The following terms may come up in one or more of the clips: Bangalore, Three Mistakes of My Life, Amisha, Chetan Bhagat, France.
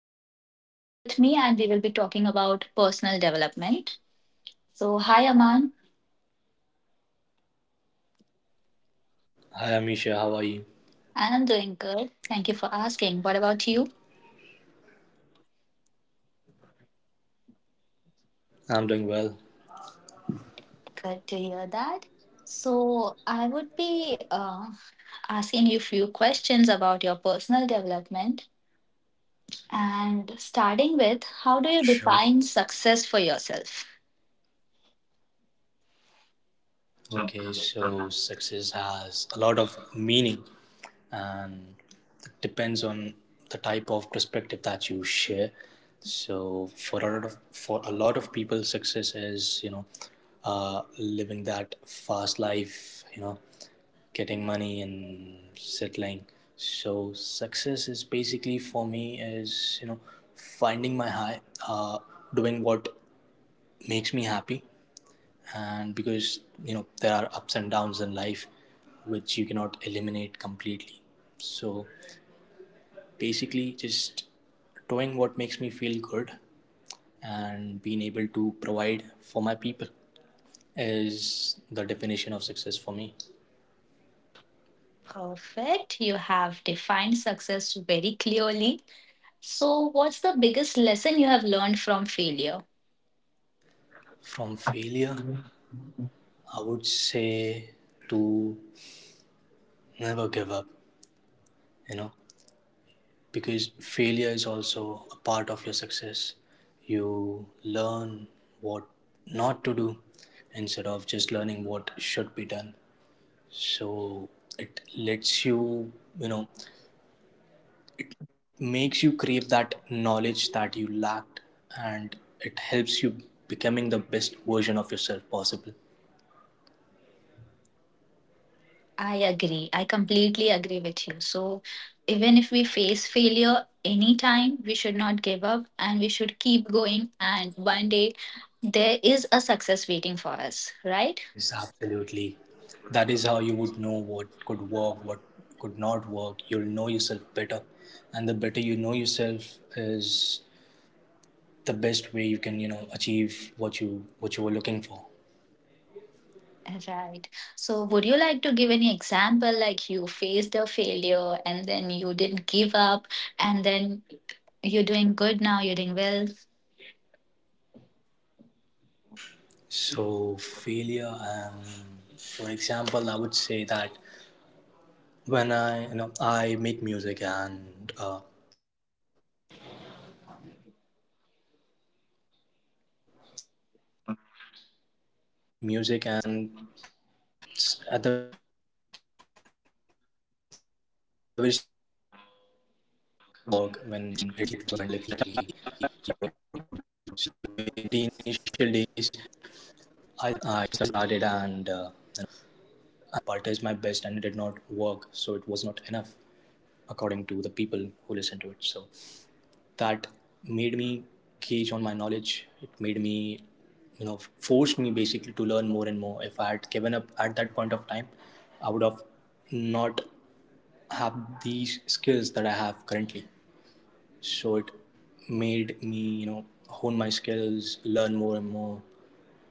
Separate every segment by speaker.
Speaker 1: have Aman here with me, and we will be talking about personal development. So, hi, Aman.
Speaker 2: Hi Amisha, how are
Speaker 1: I'm
Speaker 2: you?
Speaker 1: doing good. Thank you for asking. What about you?
Speaker 2: I'm doing well.
Speaker 1: Good to hear that. So, I would be asking you few questions about your personal development, and starting with, how do you define success
Speaker 2: Sure.
Speaker 1: for yourself?
Speaker 2: Okay, so success has a lot of meaning and it depends on the type of perspective that you share. So for a lot of people, success is living that fast life, getting money and is finding my high, uh, doing what makes me happy. And because there are ups and downs in life which you cannot eliminate completely, so basically just doing what makes me feel good and being able to provide for my people is the definition of success for me.
Speaker 1: Perfect. You have defined success very clearly. So, what's the biggest lesson you have learned from failure?
Speaker 2: From failure, I would say to never give up you know because failure is also a part of your success. You learn what not to do instead of just learning what should be done. So it lets you, you know, makes you crave that knowledge that you lacked, and it helps becoming the best version of yourself possible.
Speaker 1: I agree. I completely agree with you. So, even if we face failure anytime, we should not give up and we should keep going. And one day, there is a success waiting for us, right?
Speaker 2: Yes, absolutely. That is how you would know what could work, what could not work. You'll know yourself better. And the better you know yourself is the best way you can, achieve what you were looking for.
Speaker 1: Right. So, would you like to give any example, like you faced a failure and then you didn't give up and then you're doing good now, you're doing well?
Speaker 2: So failure, for example, I would say that when I you know I make music, and the very initial days I started, and you know I used to make music, and at the very start I thought that this is the best music that I could ever make, but that did not work when it went out publicly. So that is the biggest failure I would say that I've faced in my past. And because knowing something that could, it is my best and it did not work, so it was not enough according to the people who listened to it. So that made me gauge on my knowledge. It made me, forced me basically to learn more and more. If I had given up at that point of time, I would have not have these skills that I have currently. So it made me, hone my skills, learn more and more,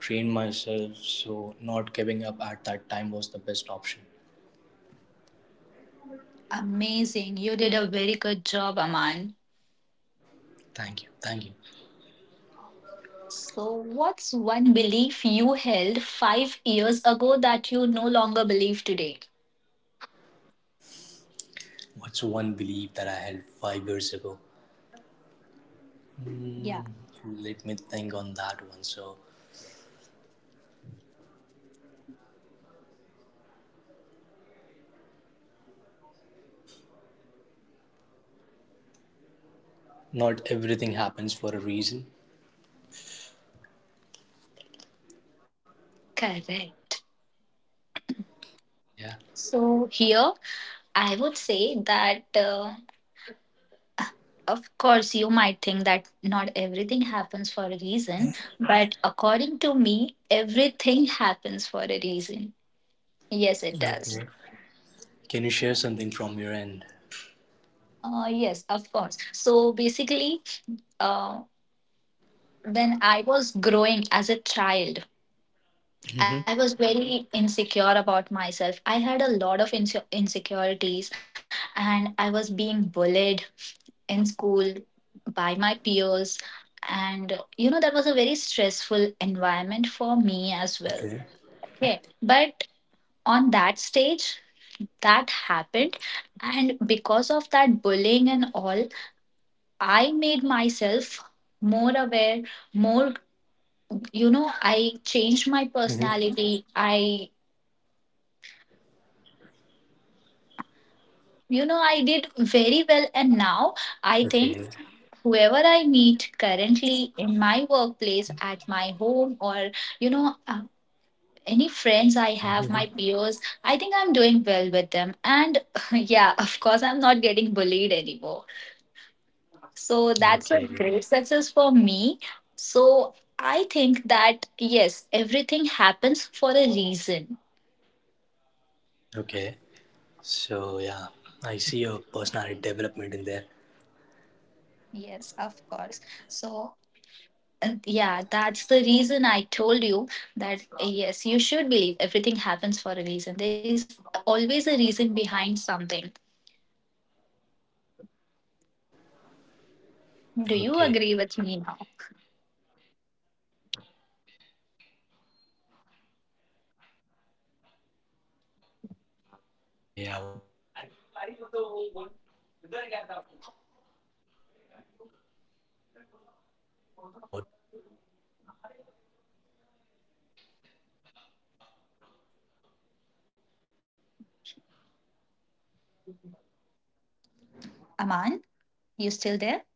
Speaker 2: train myself. So not giving up at that time was the best option.
Speaker 1: Amazing. You did a very good job, Aman.
Speaker 2: Thank you. Thank you.
Speaker 1: So, what's one belief you held 5 years ago that you no longer believe today?
Speaker 2: What's one belief that I held 5 years ago?
Speaker 1: Yeah,
Speaker 2: Let me think on that one. So, not everything happens for a reason.
Speaker 1: correct.
Speaker 2: Yeah.
Speaker 1: So, here I would say that, of course, you might think that not everything happens for a reason, but according to me, everything happens for a reason. Yes, it does.
Speaker 2: Okay. Can you share something from your end?
Speaker 1: Yes, of course. So, basically, uh, when I was growing as a child,
Speaker 2: Hmm.
Speaker 1: I was very insecure about myself. I had a lot of insecurities, and I was being bullied in school by my peers. And that was a very stressful environment for me as well.
Speaker 2: Okay.
Speaker 1: Okay. But on that stage, that happened. And because of that bullying and all, I made myself more aware, more, I changed my
Speaker 2: Mm-hmm.
Speaker 1: personality. I did very well, and now I
Speaker 2: Okay.
Speaker 1: think whoever I meet currently in my workplace, at my home, or you know, uh, any friends I have, my peers, I think I'm doing well with them. And yeah, of course, I'm not getting bullied anymore. So that's a
Speaker 2: Okay.
Speaker 1: great success for me. So I think that, yes, everything happens for a reason.
Speaker 2: Okay. So, yeah, I see your personality development in there.
Speaker 1: Yes, of course. So, yeah, that's the reason I told you that, yes, you should believe everything happens for a reason. There is always a reason behind something.
Speaker 2: Okay, I would gauge on
Speaker 1: Do
Speaker 2: that.
Speaker 1: you agree with me now,
Speaker 2: Yeah, I would have to. But life's not the same for everyone.
Speaker 1: Aman? You still there?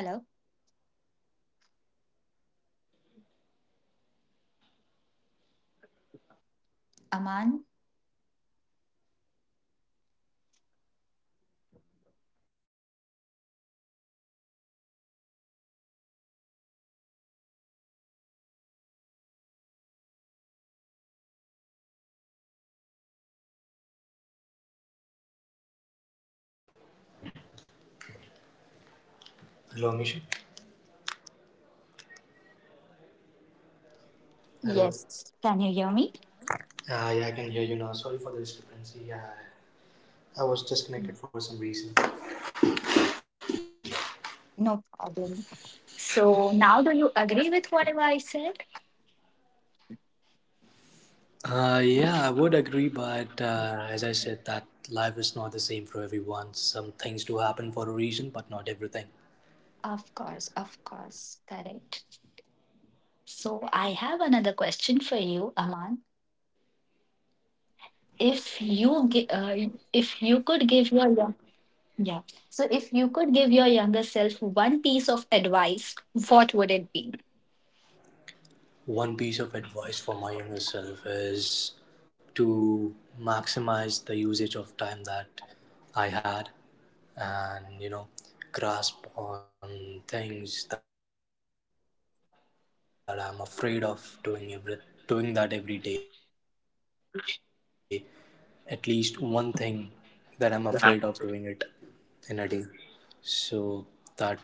Speaker 1: Hello, Aman?
Speaker 2: Hello, Misha.
Speaker 1: Yes. Can
Speaker 2: Hello.
Speaker 1: you hear me?
Speaker 2: Yeah, I can hear you now. Sorry for the discrepancy. Yeah, I was disconnected for some reason.
Speaker 1: No problem. So now, do you agree with whatever I said?
Speaker 2: Yeah, I would agree, but as I said, that life is not the same for everyone. Some things do happen for a reason, but not everything.
Speaker 1: Of course, of course. Correct. So, I have another question for you, Aman.
Speaker 2: Absolutely.
Speaker 1: If you gi- if you could give your Yeah. So, if you could give your younger self one piece of advice, what would it be?
Speaker 2: One piece of advice for my younger self is to maximize the usage of time that I had, and grasp on things that I'm afraid of doing that every day, at least one thing that I'm afraid of doing it in a day, so that would eliminate the fear of myself and help me to be a better person.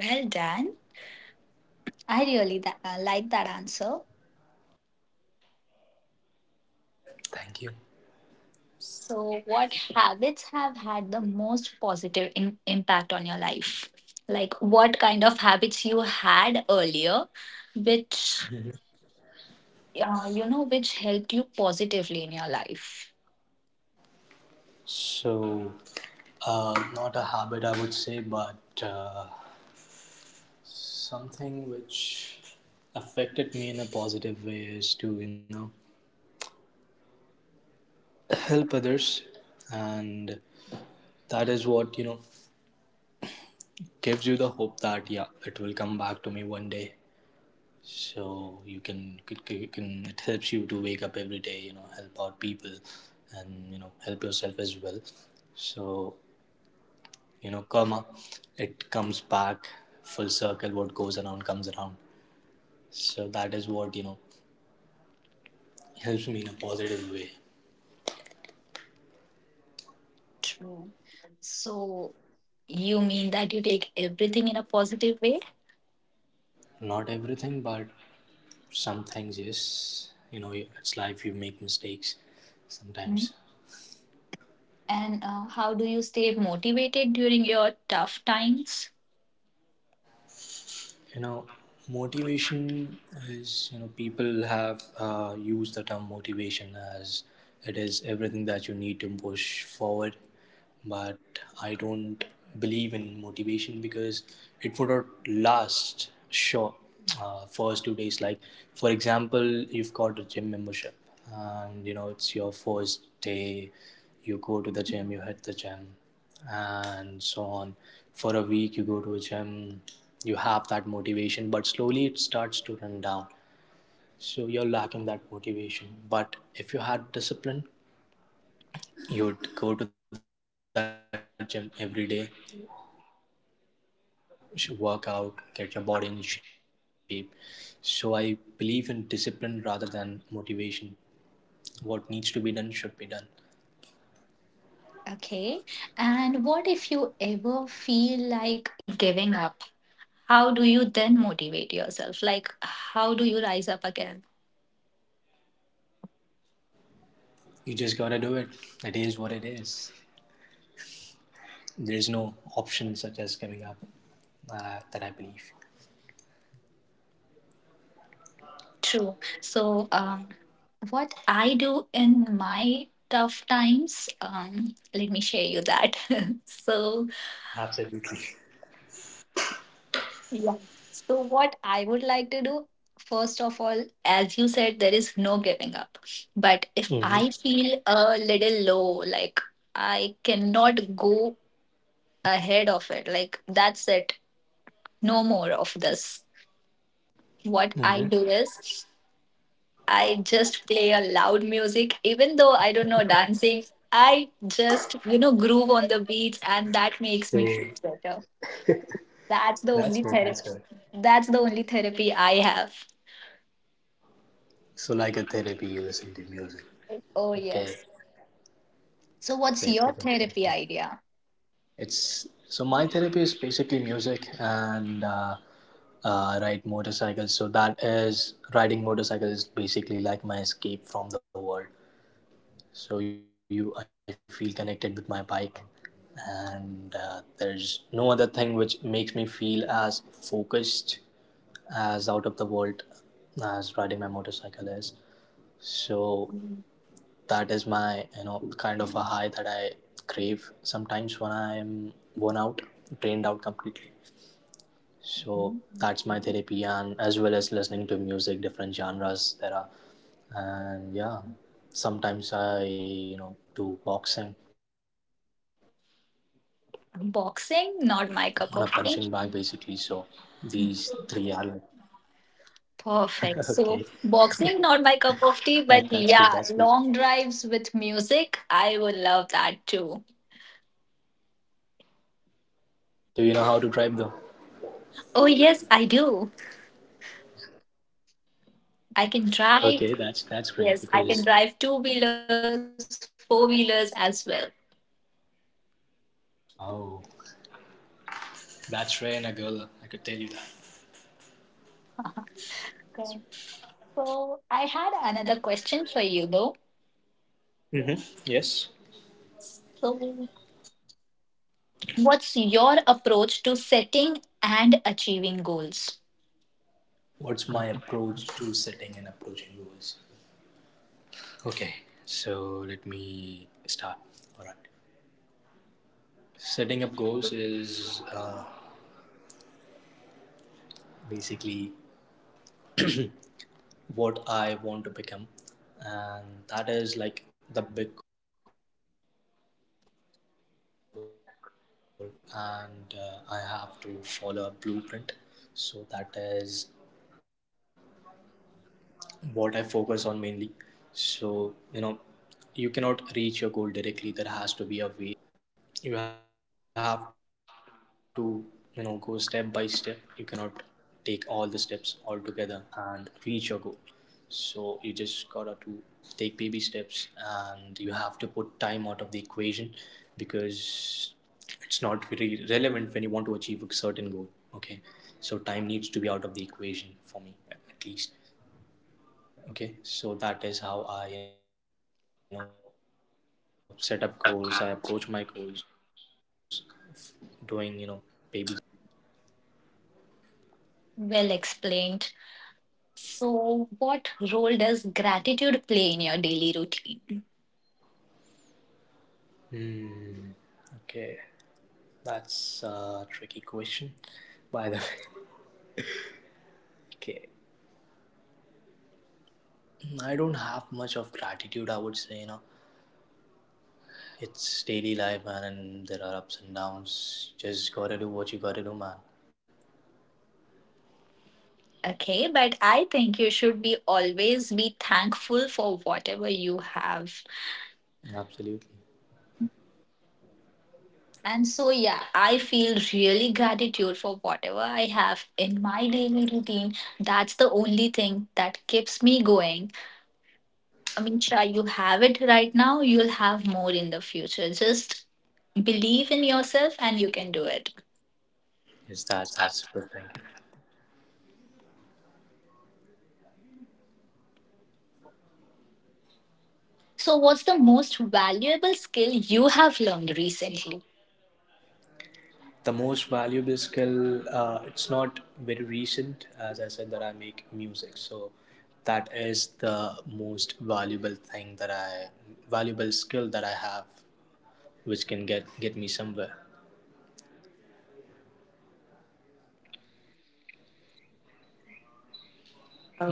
Speaker 1: Well done. I really like that answer.
Speaker 2: Thank you.
Speaker 1: So, what habits have had the most positive impact on your life? Like, what kind of habits you had earlier, which, which helped you positively in your life?
Speaker 2: So, not a habit, I would say, but something which affected me in a positive way is to, help others. And that is what, gives you the hope that, yeah, it will come back to me one day. So you can, it helps you to wake up every day, help out people and, help yourself as well. So, karma, it comes back full circle. What goes around comes around. So that is what, helps me in a positive way.
Speaker 1: True. So, you mean that you take everything in a positive way?
Speaker 2: Not everything, but some things, yes. It's life, you make mistakes sometimes.
Speaker 1: And how do you stay motivated during your tough times?
Speaker 2: you know Motivation is, people have used the term motivation as it is everything that you need to push forward, but I don't believe in motivation because it would not last. Sure. First 2 days, like for example, you've got a gym membership and it's your first day, you go to the gym, you hit the gym, and so on. For a week, you go to a gym, you have that motivation, but slowly it starts to run down. So you're lacking that motivation. But if you had discipline, you would go to that gym every day, work out, get your body in shape. So I believe in discipline rather than motivation. What needs to be done should be done.
Speaker 1: Okay. And what if you ever feel like giving up? How do you then motivate yourself? Like, how do you rise up again?
Speaker 2: You just gotta do it. It is what it is. There's no option such as giving up, that I believe.
Speaker 1: True. So, what I do in my tough times, let me share you that. so,
Speaker 2: Absolutely.
Speaker 1: Yeah. So, what I would like to do, first of all, as you said, there is no giving up. But if
Speaker 2: Mhm.
Speaker 1: I feel a little low, like I cannot go ahead of it, like that's it, no more of this. What I
Speaker 2: Mhm.
Speaker 1: do is, I just play a loud music, even though I don't know dancing. I just, groove on the beats, and that makes me feel better. That's the only therapy. That's the only therapy I have.
Speaker 2: So, like a therapy, you listen to music.
Speaker 1: Oh,
Speaker 2: Okay,
Speaker 1: yes. So, what's
Speaker 2: same thing
Speaker 1: your
Speaker 2: with
Speaker 1: therapy
Speaker 2: therapy.
Speaker 1: idea?
Speaker 2: It's So my therapy is basically music, and ride motorcycles. So that is, riding motorcycles is basically like my escape from the world. So you, I feel connected with my bike, and there's no other thing which makes me feel as focused, as out of the world, as riding my motorcycle is. So
Speaker 1: Mhm.
Speaker 2: that is my kind of a high that I crave sometimes when I'm worn out, drained out completely. So that's my therapy, and as well as listening to music, different genres there are. And yeah, sometimes I, do boxing on a punching bag basically. So these
Speaker 1: Boxing,
Speaker 2: three
Speaker 1: not
Speaker 2: are
Speaker 1: my
Speaker 2: like,
Speaker 1: cup of tea.
Speaker 2: okay, that's cool,
Speaker 1: Perfect.
Speaker 2: that's
Speaker 1: So,
Speaker 2: cool.
Speaker 1: boxing, not my cup of tea, but yeah, long drives with music, I would love that too.
Speaker 2: Do you know how to drive though?
Speaker 1: Oh, yes, I do.
Speaker 2: Okay, that's
Speaker 1: I
Speaker 2: great
Speaker 1: can
Speaker 2: because
Speaker 1: drive. Yes, I can drive two wheelers, four wheelers as well.
Speaker 2: oh, that's rare in a girl, I could tell you that.
Speaker 1: Okay. So, I had another question for you though.
Speaker 2: Mm-hmm. Yes.
Speaker 1: So, what's your approach to setting and achieving goals?
Speaker 2: What's my approach to setting and approaching goals? Okay, so let me start. All right. Setting up goals is basically what I want to become, and that is like the big goal. And I have to follow a blueprint. So that is what I focus on mainly. So, you know, you cannot reach your goal directly. There has to be a way, there has to be paths that you need to cross. So, you have to, go step by step. You cannot take all the steps all together and reach your goal. So, you just gotta to take baby steps, and you have to put time out of the equation because it's not really relevant when you want to least. Okay, so that is how I, set up goals, I approach my goals, f- doing, baby steps, taking baby steps.
Speaker 1: Well explained. So, what role does gratitude play in your daily routine?
Speaker 2: Okay, that's a tricky question by the way okay, I don't have much of gratitude, I would say, it's daily life, man, and there are ups and downs. Just gotta do what you gotta do, man.
Speaker 1: Okay, but I think you should be always be thankful for whatever you have.
Speaker 2: Absolutely.
Speaker 1: And so, yeah, I feel really gratitude for whatever I have in my daily routine. That's the only thing that keeps me going. I mean, try you have it right now, you'll have more in the future. Just believe in yourself and you can do it.
Speaker 2: Yes, that's good thinking.
Speaker 1: So, what's the most valuable skill you have learned recently?
Speaker 2: The most valuable skill, it's not very recent, as I said that I make music, so that is the most valuable skill that I have, which can get me somewhere.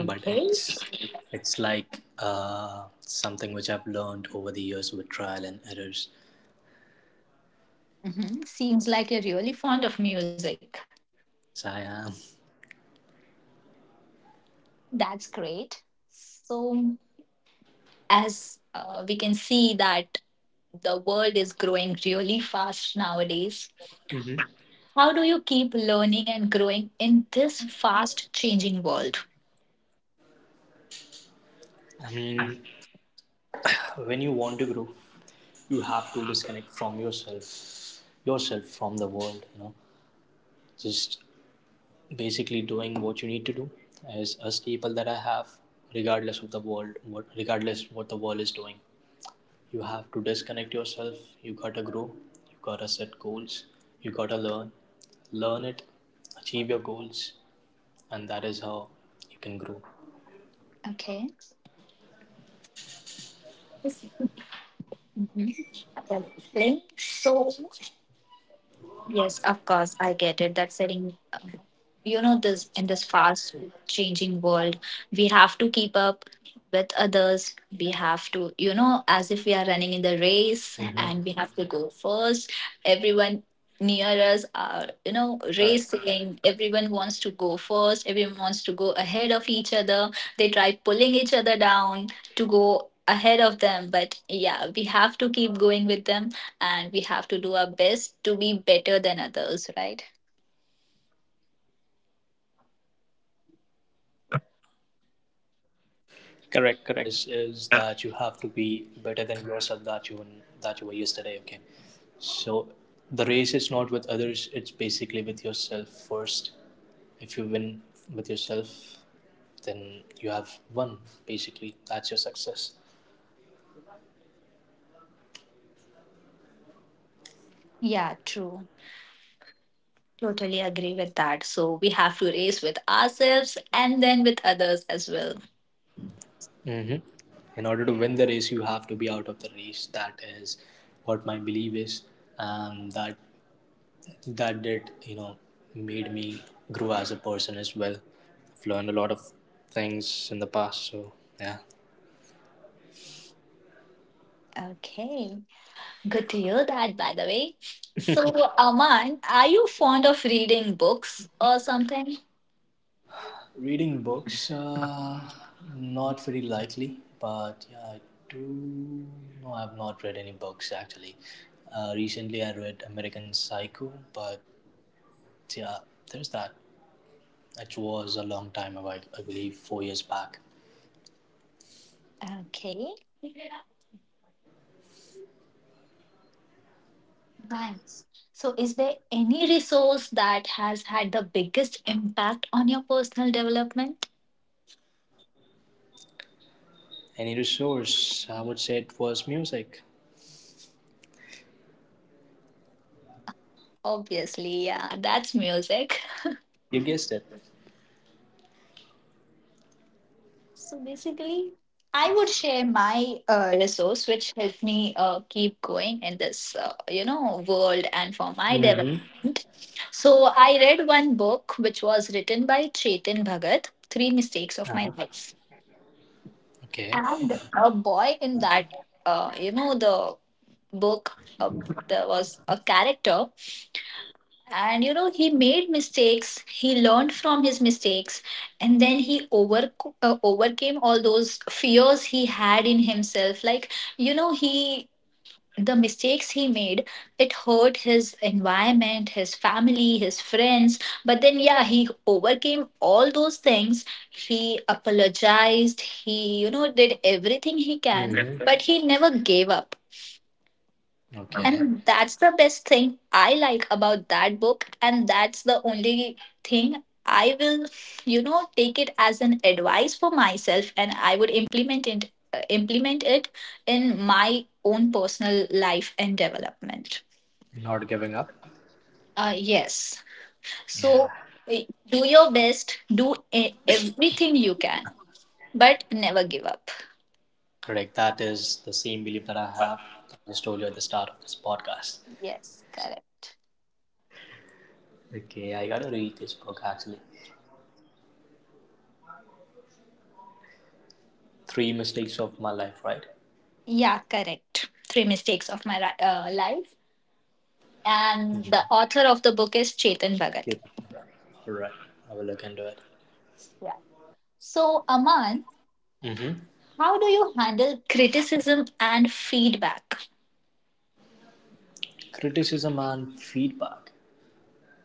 Speaker 2: But it's like something which I've learned over the years with trial and errors.
Speaker 3: Seems like you're really fond of music.
Speaker 2: So I am.
Speaker 3: That's great. So, as we can see that the world is growing really fast nowadays,
Speaker 2: Mhm.
Speaker 3: how do you keep learning and growing in this fast changing world?
Speaker 2: I mean, when you want to grow, you have to disconnect yourself from the world, just basically doing what you need to do is a staple that I have, regardless of the world, what regardless what the world is doing. You have to disconnect yourself. You gotta grow. You gotta set goals. You gotta learn. Learn it. Achieve your goals, and that is how you can grow.
Speaker 3: Okay. Well, explain. So, yes, of course, I get it. That setting this in this fast changing world, we have to keep up with others. We have to, as if we are running in the race, and we have to go first. Everyone near us are, racing. Everyone wants to go first, everyone wants to go ahead of each other. They try pulling each other down to go ahead of them, but yeah, we have to keep going with them, and we have to do our best to be better than others, right?
Speaker 2: Correct, correct. But what my vision is that you have to be better than yourself, that you were yesterday. Okay, so the race is not with others, it's basically with yourself first. If you win with yourself, then you have won basically. That's your success.
Speaker 3: Yeah, true. Totally agree with that. So we have to race with ourselves and then with others as well.
Speaker 2: Hmm. In order to win the race, you have to be out of the race. That is what my belief is, and that did, made me grow as a person as well. I've learned a lot of things in the past. So yeah,
Speaker 3: Okay. Good to hear that, by the way. So, Aman, are you fond of reading books or something?
Speaker 2: reading books, not very likely, but yeah, I do. No, I've not read any books actually. Recently I read American Psycho, but yeah, there's that. It was a long time ago, I believe 4 years back.
Speaker 3: Okay. Nice. So, is there any resource that has had the biggest impact on your personal development?
Speaker 2: Any resource I would say, it was music.
Speaker 3: Obviously, yeah, that's music.
Speaker 2: You guessed it.
Speaker 3: So basically, I would share my resource which helped me keep going in this, world, and for my
Speaker 2: Mm-hmm.
Speaker 3: development. So I read one book which was written by Chetan Bhagat, Three Mistakes of My
Speaker 2: Uh-huh.
Speaker 3: Life.
Speaker 2: Okay.
Speaker 3: And a boy in that, the book, uh, there was a character, and you know, he made mistakes, he learned from his mistakes, and then he overcame all those fears he had in himself. Like, you know, he, the mistakes he made, it hurt his environment, his family, his friends, but then yeah, he overcame all those things. He apologized, he, you know, did everything he can,
Speaker 2: Hmm.
Speaker 3: but he never gave up,
Speaker 2: Okay.
Speaker 3: and that's the best thing I like about that book. And that's the only thing I will, you know, take it as an advice for myself, and I would implement it, implement it in my own personal life and development.
Speaker 2: Not giving up.
Speaker 3: Yes.
Speaker 2: Yeah.
Speaker 3: So uh, do your best, do everything you can, but never give up.
Speaker 2: Correct. That is the same belief that I have that I told you at the start of this podcast.
Speaker 3: Yes, correct.
Speaker 2: Okay, I gotta read this book actually. Three Mistakes of My Life, right?
Speaker 3: Yeah, correct. Three Mistakes of My Life. And the author of the book is Chetan Bhagat.
Speaker 2: Alright. Alright. I will look into it.
Speaker 3: Yeah. So, Aman,
Speaker 2: Mm-hmm.
Speaker 3: how do you handle criticism and feedback?
Speaker 2: Criticism and feedback.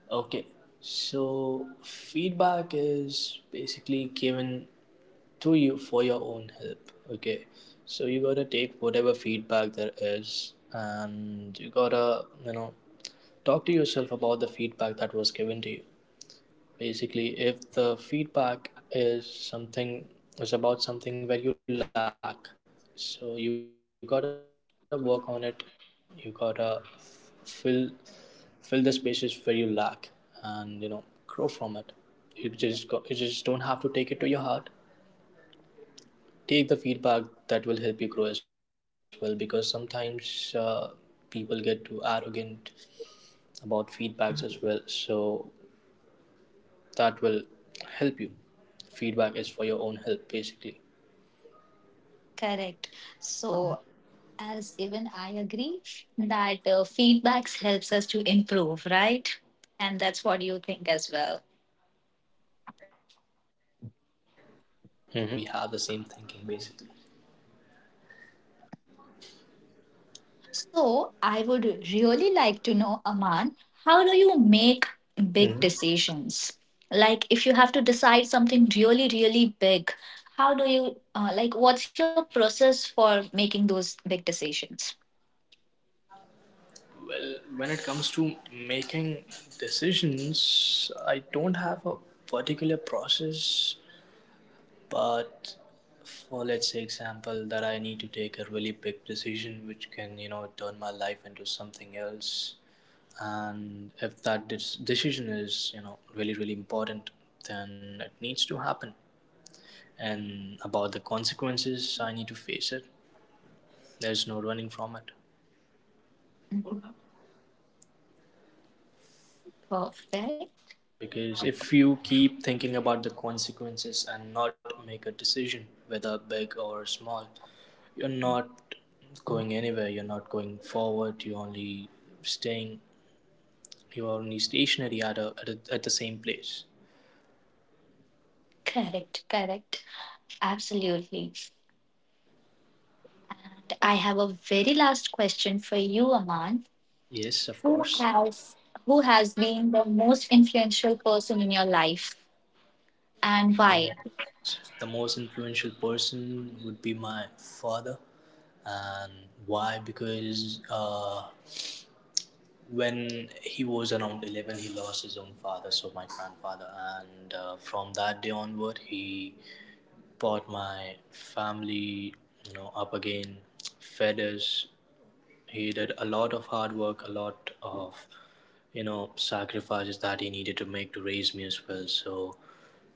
Speaker 2: Okay, so feedback is basically given to you for your own help. Okay, so you gotta take whatever feedback there is, and you gotta talk to yourself about the feedback that was given to you. Basically, if the feedback is something is about something where you lack, so you gotta work on it. You gotta fill fill the spaces where you lack, and grow from it. You just don't have to take it to your heart. Take the feedback that will help you grow as well, because sometimes people get too arrogant about feedbacks as well. So that will help you. Feedback is for your own help, basically.
Speaker 3: Correct. So, as even I agree that feedbacks helps us to improve, right?
Speaker 2: Hmm.
Speaker 3: And that's what you think as well.
Speaker 2: Okay, so we have the same thinking basically.
Speaker 3: So, I would really like to know, Aman, how do you make
Speaker 2: Hmm.
Speaker 3: big decisions? Like, if you have to decide something really, really big, how do you, like, what's your process for making those big decisions?
Speaker 2: When it comes to making decisions, I don't have a particular process, but for let's say example that I need to take a really big decision which can, you know, turn my life into something else. And if that decision is, you know, really, really important, then it needs to happen. And about the consequences, I need to face it. There's no running from it.
Speaker 3: Perfect.
Speaker 2: Because if you keep thinking about the consequences and not make a decision, whether big or small, you're not going anywhere, you're not going forward, you're only staying, you're only stationary at the same place.
Speaker 3: Correct. Correct. Absolutely. And I have a very last question for you, Aman.
Speaker 2: Yes, of
Speaker 3: Who
Speaker 2: course.
Speaker 3: has who has been the most influential person in your life and
Speaker 2: The, mo-
Speaker 3: why?
Speaker 2: the most influential person would be my father. And why? Because when he was around 11, he lost his own father, so my grandfather, and from that day onward he brought my family, up again, fed us. He did a lot of hard work, a lot of sacrifices that he needed to make to raise me as well. So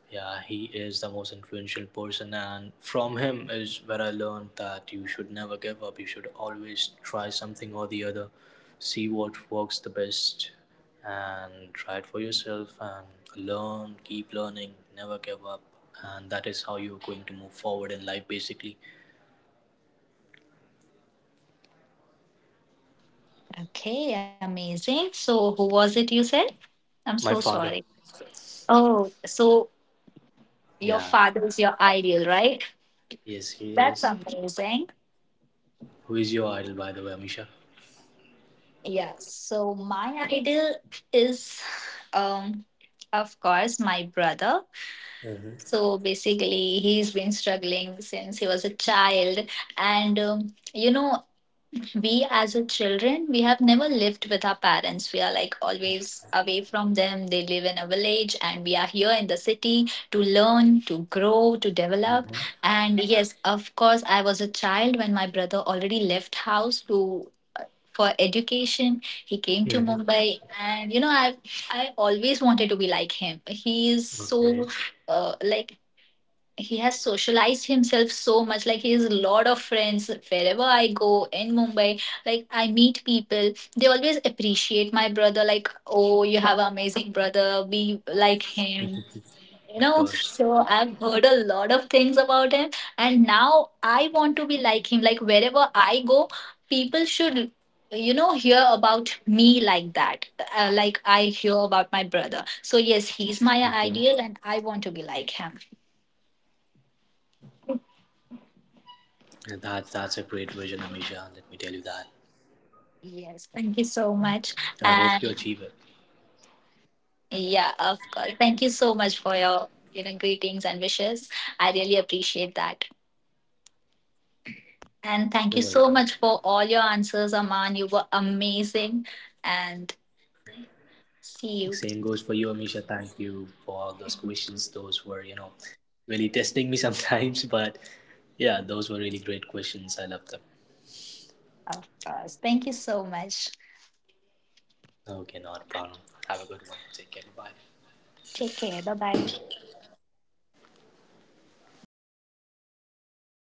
Speaker 2: yeah, he is the most influential person, and from him is where I learned that you should never give up. You should always try something or the other, see what works the best, and try it for yourself and learn, keep learning, never give up. And that is how you're going to move forward in life, basically.
Speaker 3: Okay, amazing. So, who was it you said? I'm
Speaker 2: My
Speaker 3: so
Speaker 2: father.
Speaker 3: sorry. Oh, so your
Speaker 2: Yeah,
Speaker 3: father is your ideal, right?
Speaker 2: yes, he
Speaker 3: That's
Speaker 2: is.
Speaker 3: amazing.
Speaker 2: Who is your idol, by the way, Amisha?
Speaker 3: Yeah, so my ideal is um of course my brother.
Speaker 2: Mm-hmm.
Speaker 3: So basically he's been struggling since he was a child, and you know, we as a children, we have never lived with our parents, we are like always away from them. They live in a village and we are here in the city to learn, to grow, to develop.
Speaker 2: Mm-hmm.
Speaker 3: And yes, of course, I was a child when my brother already left house to, for education. He came to
Speaker 2: Mm-hmm.
Speaker 3: Mumbai, and you know, I always wanted to be like him. He is so, like, he has socialized himself so much. Like, he has a lot of friends. Wherever I go in Mumbai, like, I meet people, they always appreciate my brother. Like, oh, you have an amazing brother, be like him, you know. So
Speaker 2: Of
Speaker 3: I've
Speaker 2: course.
Speaker 3: heard a lot of things about him, and now I want to be like him. Like, wherever I go, people should, you know, hear about me, like that, like I hear about
Speaker 2: Okay.
Speaker 3: my brother. So yes, he's my ideal and I want to be like him.
Speaker 2: That's a great vision, Amisha. Let me tell you that. I
Speaker 3: Yes,
Speaker 2: hope you
Speaker 3: thank you
Speaker 2: achieve it.
Speaker 3: so much. And yeah, of course. Thank you so much for your, you know, greetings and wishes. I really appreciate that.
Speaker 2: You're welcome.
Speaker 3: And thank you so much for all your answers, Aman. You were amazing. And see
Speaker 2: Same
Speaker 3: you.
Speaker 2: goes for you, Amisha. Thank you for all those
Speaker 3: Thank
Speaker 2: questions.
Speaker 3: you.
Speaker 2: Those were, really testing me sometimes, but yeah, those were really great questions. I love them.
Speaker 3: Of course. Thank you so much.
Speaker 2: Okay, not a problem. Have a good one. Take care. Bye.
Speaker 3: Take care. Bye bye.